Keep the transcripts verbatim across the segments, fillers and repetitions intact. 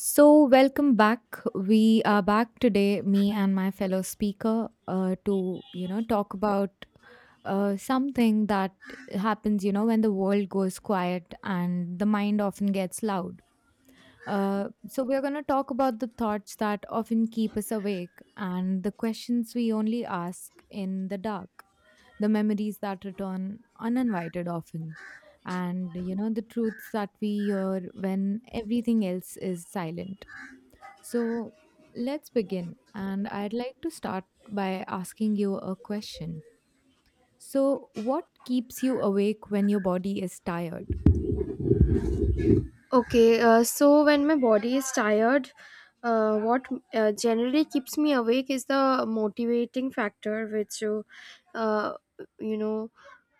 So, welcome back. We are back today, me and my fellow speaker, uh, to you know talk about uh, something that happens, you know, when the world goes quiet and the mind often gets loud. Uh, so, we're going to talk about the thoughts that often keep us awake and the questions we only ask in the dark, the memories that return uninvited often, and you know, the truths that we hear when everything else is silent. So let's begin. And I'd like to start by asking you a question. So, what keeps you awake when your body is tired? Okay, uh, so when my body is tired, uh, what uh, generally keeps me awake is the motivating factor, which uh, uh, you know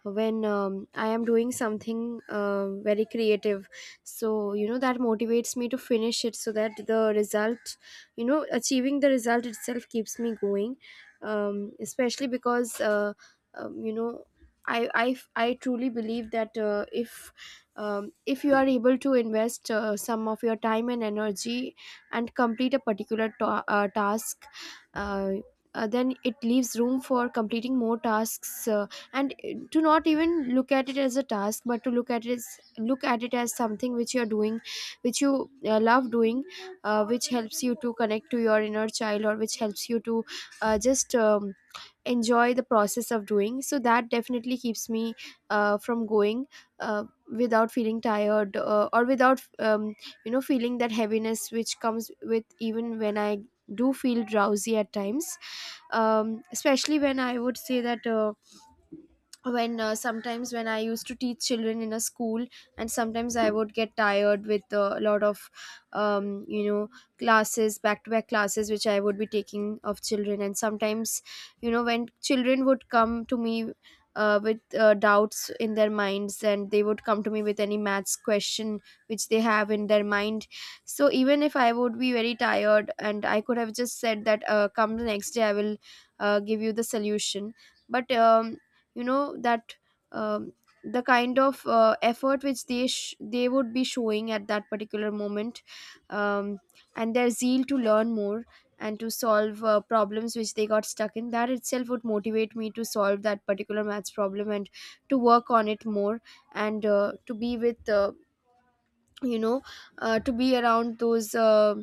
when um, I am doing something uh, very creative, so you know that motivates me to finish it so that the result, you know achieving the result itself keeps me going. um, especially because uh, um, you know I, I, I truly believe that, uh, if um, if you are able to invest uh, some of your time and energy, and complete a particular ta- uh, task, uh, uh, then it leaves room for completing more tasks, uh, and uh, to not even look at it as a task, but to look at it as look at it as something which you are doing, which you uh, love doing, uh, which helps you to connect to your inner child, or which helps you to uh, just um, enjoy the process of doing, so that definitely keeps me uh, from going, uh, without feeling tired, uh, or without um, you know feeling that heaviness which comes, with even when I do feel drowsy at times. um, especially, when I would say that, uh, when uh, sometimes when I used to teach children in a school, and sometimes I would get tired with uh, a lot of um, you know classes, back to back classes which I would be taking of children, and sometimes, you know when children would come to me uh, with uh, doubts in their minds, and they would come to me with any maths question which they have in their mind. So even if I would be very tired and I could have just said that, uh, come the next day I will uh, give you the solution, but um, you know that, um, the kind of uh, effort which they sh- they would be showing at that particular moment, um, and their zeal to learn more, and to solve uh, problems which they got stuck in, that itself would motivate me to solve that particular maths problem, and to work on it more, and uh, to be with uh, you know uh, to be around those uh,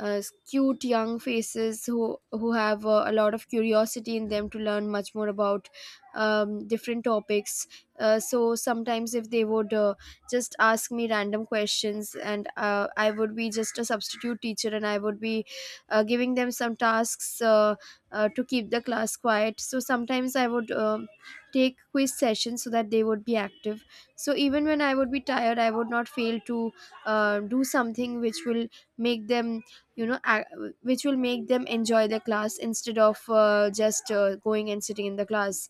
uh, cute young faces who who have uh, a lot of curiosity in them, to learn much more about um, different topics. Uh, so sometimes, if they would uh, just ask me random questions, and uh, I would be just a substitute teacher, and I would be uh, giving them some tasks, uh, uh, to keep the class quiet. So sometimes I would um take quiz sessions so that they would be active. So even when I would be tired, I would not fail to uh, do something which will make them you know ac- which will make them enjoy the class, instead of uh, just uh, going and sitting in the class.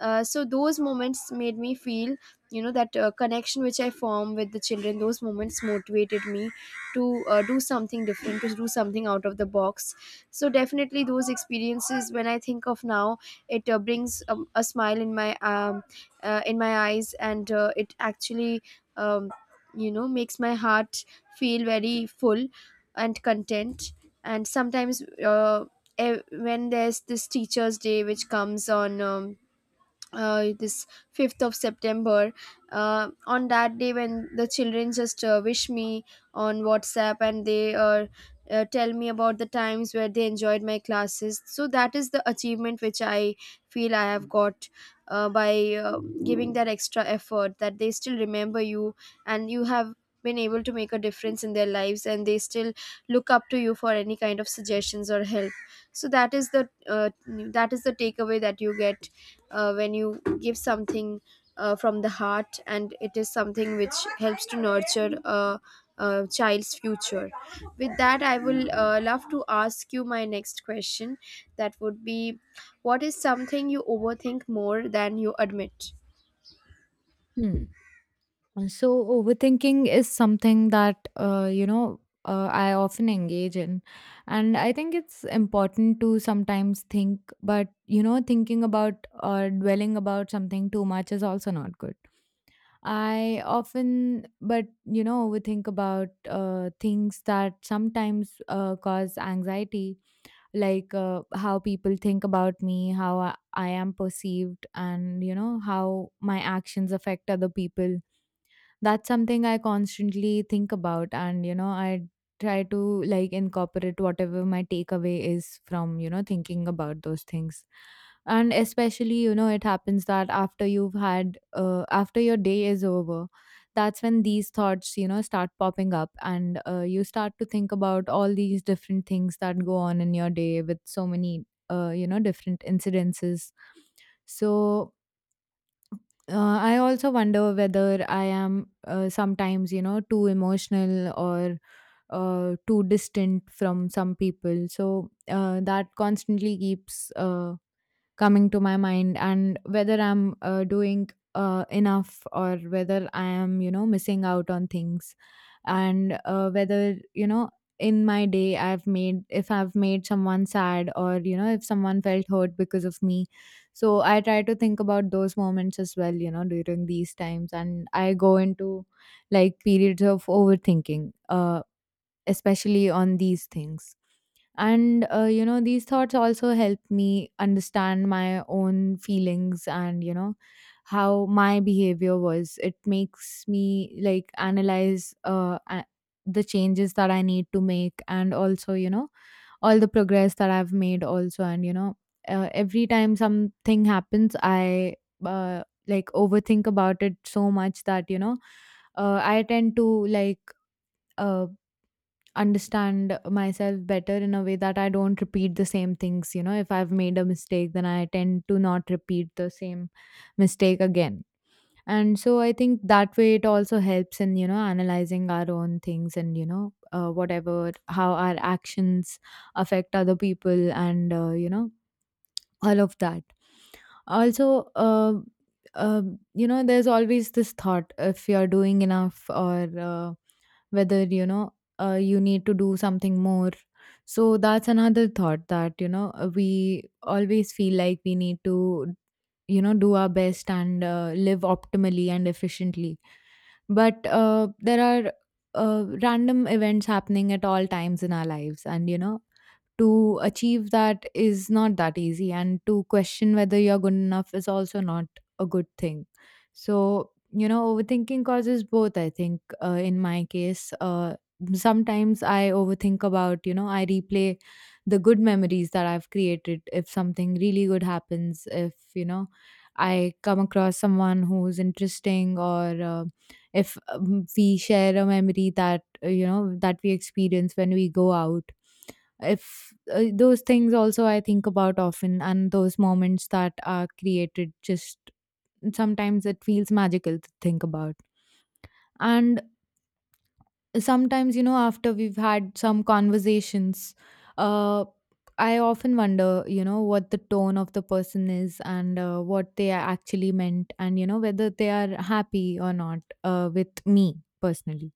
Uh, so those moments made me feel, you know that uh, connection which I form with the children, those moments motivated me to uh, do something different, to do something out of the box. So definitely, those experiences, when I think of now, it uh, brings um, a smile in my um, uh, in my eyes, and uh, it actually um, you know makes my heart feel very full and content. And sometimes, uh, eh, when there's this Teachers' Day which comes on um, uh, this fifth of September, uh, on that day when the children just uh, wish me on WhatsApp, and they uh, uh, tell me about the times where they enjoyed my classes. So that is the achievement which I feel I have got, uh, by uh, giving that extra effort, that they still remember you, and you have been able to make a difference in their lives, and they still look up to you for any kind of suggestions or help. So that is the uh, that is the takeaway that you get, uh, when you give something uh, from the heart, and it is something which helps to nurture a, a child's future. With that, I will uh, love to ask you my next question, that would be, what is something you overthink more than you admit? Hmm. And So, overthinking is something that, uh, you know, uh, I often engage in. And I think it's important to sometimes think, but, you know, thinking about or dwelling about something too much is also not good. I often, but you know, overthink about uh, things that sometimes uh, cause anxiety, like uh, how people think about me, how I, I am perceived, and you know, how my actions affect other people. That's something I constantly think about, and you know, I try to like incorporate whatever my takeaway is from you know thinking about those things. And especially, you know, it happens that after you've had, uh, after your day is over, that's when these thoughts, you know, start popping up, and uh, you start to think about all these different things that go on in your day with so many, uh, you know, different incidences. So uh, I also wonder whether I am uh, sometimes, you know, too emotional or uh, too distant from some people. So uh, that constantly keeps uh, coming to my mind, and whether I'm uh, doing uh, enough, or whether I am you know missing out on things, and uh, whether you know in my day I've made if I've made someone sad, or you know, if someone felt hurt because of me. So I try to think about those moments as well, you know, during these times, and I go into like periods of overthinking, uh especially on these things. And uh, you know, these thoughts also help me understand my own feelings, and you know, how my behavior was. It makes me like analyze uh, a- the changes that I need to make, and also you know, all the progress that I've made also. And you know uh, every time something happens, i uh, like overthink about it so much that you know uh, I tend to like uh, understand myself better, in a way that I don't repeat the same things. You know, if I've made a mistake, then I tend to not repeat the same mistake again. And so I think that way it also helps in, you know, analyzing our own things and, you know, uh, whatever, how our actions affect other people and, uh, you know, all of that also uh, uh, you know, there's always this thought if you're doing enough, or uh, whether you know, uh, you need to do something more. So that's another thought that you know uh, we always feel like we need to, you know, do our best and uh, live optimally and efficiently. But uh, there are uh, random events happening at all times in our lives, and you know, to achieve that is not that easy, and to question whether you're good enough is also not a good thing. So you know, overthinking causes both, I think. Uh, in my case, uh, sometimes I overthink about, you know, I replay the good memories that I've created, if something really good happens, if you know, I come across someone who's interesting, or uh, if um, we share a memory that, uh, you know, that we experience when we go out. If uh, those things also I think about often, and those moments that are created, just sometimes it feels magical to think about. And sometimes, you know, after we've had some conversations, uh I often wonder, you know, what the tone of the person is, and uh, what they actually meant, and you know, whether they are happy or not uh, with me personally.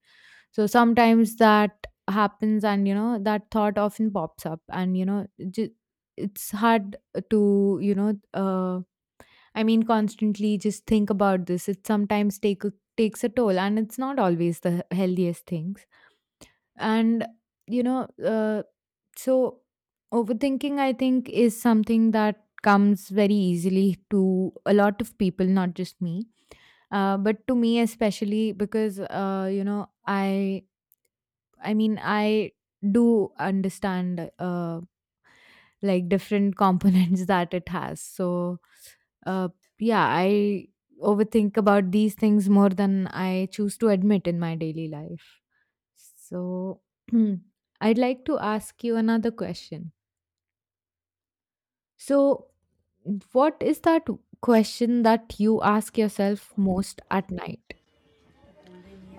So sometimes that happens, and you know, that thought often pops up, and you know ju- it's hard to, you know, uh, I mean, constantly just think about this. It sometimes take a, takes a toll, and it's not always the healthiest things. And you know uh, so overthinking I think is something that comes very easily to a lot of people, not just me, uh, but to me especially, because uh, you know i i mean i do understand uh, like different components that it has. So uh, yeah, I overthink about these things more than I choose to admit in my daily life. So, I'd like to ask you another question. So, what is that question that you ask yourself most at night?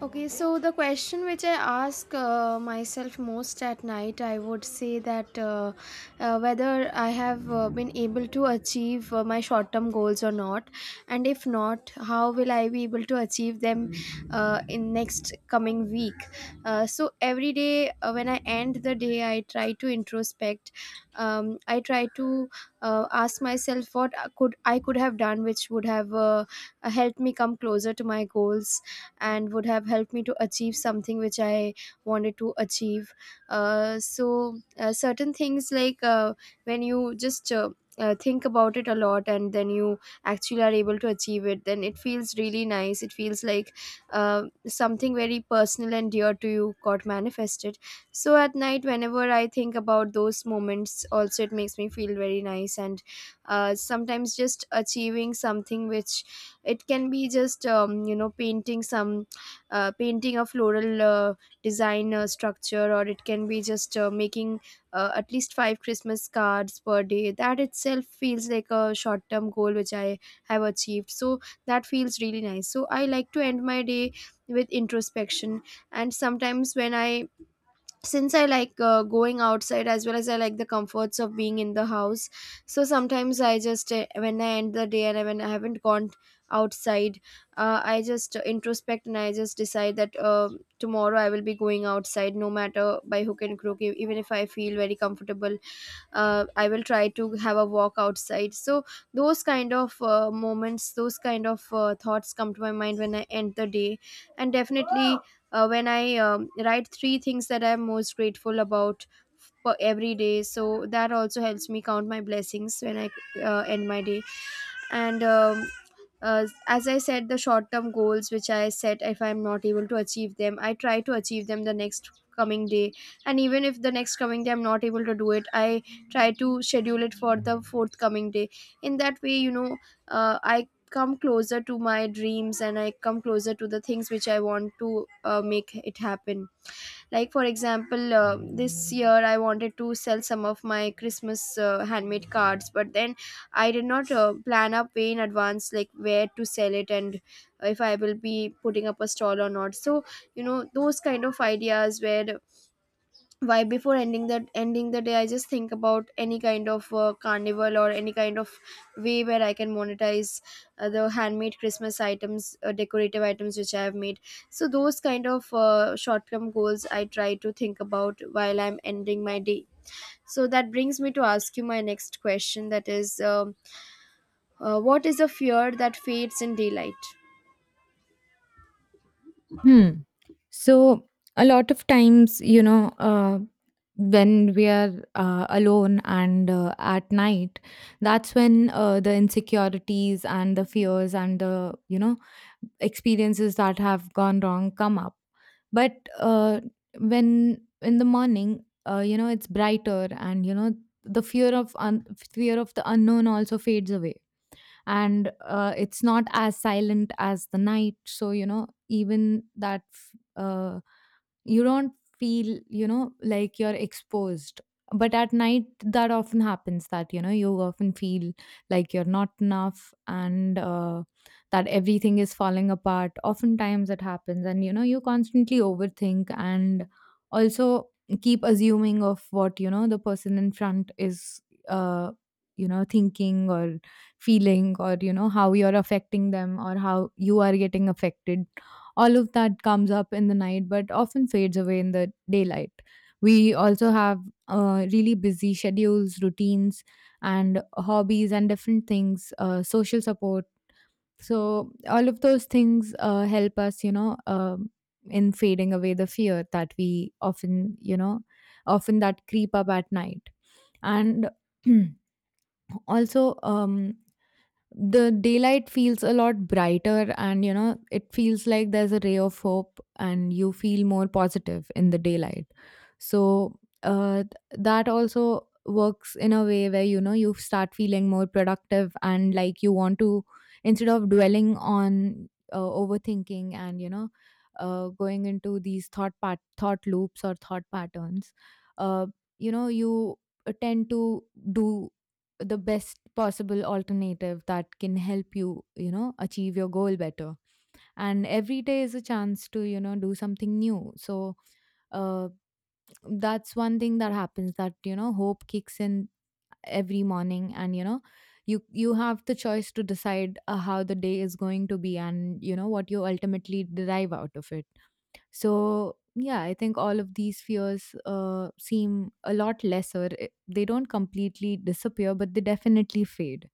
Okay, so the question which I ask uh, myself most at night, I would say that, uh, uh, whether I have uh, been able to achieve uh, my short term goals or not, and if not, how will I be able to achieve them uh, in next coming week? Uh, so every day, uh, when I end the day, I try to introspect. Um, I try to uh, ask myself what I could I could have done, which would have uh, helped me come closer to my goals, and would have helped me to achieve something which I wanted to achieve. Uh, so, uh, certain things, like uh, when you just uh, uh, think about it a lot, and then you actually are able to achieve it, then it feels really nice. It feels like uh, something very personal and dear to you got manifested. So, at night, whenever I think about those moments, also it makes me feel very nice. And uh, sometimes, just achieving something which, it can be just um, you know painting some uh, painting a floral uh, design uh, structure, or it can be just uh, making uh, at least five Christmas cards per day, that itself feels like a short term goal which I have achieved, so that feels really nice. So I like to end my day with introspection. And sometimes when I since I like uh, going outside, as well as I like the comforts of being in the house. So sometimes I just uh, when I end the day and when I haven't gone outside, uh, I just introspect, and I just decide that, uh, tomorrow I will be going outside, no matter by hook and crook, e- even if I feel very comfortable, uh, I will try to have a walk outside. So those kind of uh, moments, those kind of uh, thoughts come to my mind when I end the day. And definitely, uh, when I um, write three things that I'm most grateful about for every day. So that also helps me count my blessings when I uh, end my day. And um, uh, as I said, the short term goals which I set, if I'm not able to achieve them, I try to achieve them the next coming day, and even if the next coming day I'm not able to do it, I try to schedule it for the forthcoming day. In that way, you know uh, I come closer to my dreams, and I come closer to the things which I want to uh, make it happen. Like for example, uh, this year I wanted to sell some of my Christmas uh, handmade cards, but then I did not uh, plan up way in advance, like where to sell it and if I will be putting up a stall or not. So, you know those kind of ideas, where, why, before ending that ending the day, I just think about any kind of uh, carnival, or any kind of way where I can monetize uh, the handmade Christmas items, uh, decorative items which I have made. So those kind of uh, short term goals I try to think about while I'm ending my day. So that brings me to ask you my next question, that is, um uh, what is a fear that fades in daylight? Hmm. So, a lot of times, you know, uh, when we are uh, alone and uh, at night, that's when uh, the insecurities and the fears and the, you know, experiences that have gone wrong come up. But uh, when in the morning, uh, you know, it's brighter, and you know, the fear of un- fear of the unknown also fades away. And uh, it's not as silent as the night, so you know, even that f- uh, you don't feel, you know, like you're exposed. But at night, that often happens, that you know, you often feel like you're not enough, and uh, that everything is falling apart. Oftentimes it happens, and you know, you constantly overthink, and also keep assuming of what, you know, the person in front is uh, you know, thinking or feeling, or you know, how you're affecting them, or how you are getting affected. All of that comes up in the night, but often fades away in the daylight. We also have uh, really busy schedules, routines, and hobbies, and different things, uh, social support. So all of those things uh, help us, you know um in fading away the fear that we often you know often that creep up at night. And also um the daylight feels a lot brighter, and you know, it feels like there's a ray of hope, and you feel more positive in the daylight. So uh, th- that also works in a way where, you know, you start feeling more productive, and like you want to, instead of dwelling on uh, overthinking and you know, uh, going into these thought pat- thought loops or thought patterns. uh, you know, you uh, tend to do the best possible alternative that can help you, you know, achieve your goal better. And every day is a chance to, you know, do something new. So uh, that's one thing that happens, that you know, hope kicks in every morning, and you know, you you have the choice to decide uh, how the day is going to be, and you know, what you ultimately derive out of it. So, yeah, I think all of these fears uh, seem a lot lesser. I- They don't completely disappear, but they definitely fade.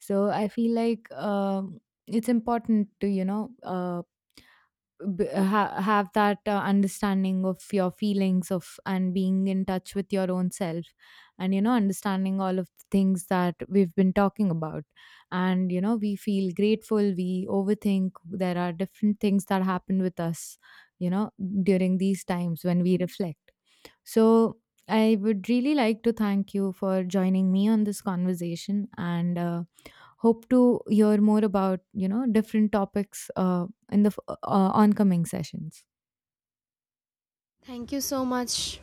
So, I feel like um it's important to, you know, uh, b- ha- have that uh, understanding of your feelings of, and being in touch with your own self, and you know, understanding all of the things that we've been talking about. And you know, we feel grateful, we overthink, there are different things that happen with us, you know, during these times when we reflect. So I would really like to thank you for joining me on this conversation, and uh, hope to hear more about, you know, different topics uh, in the f- uh, oncoming sessions. Thank you so much.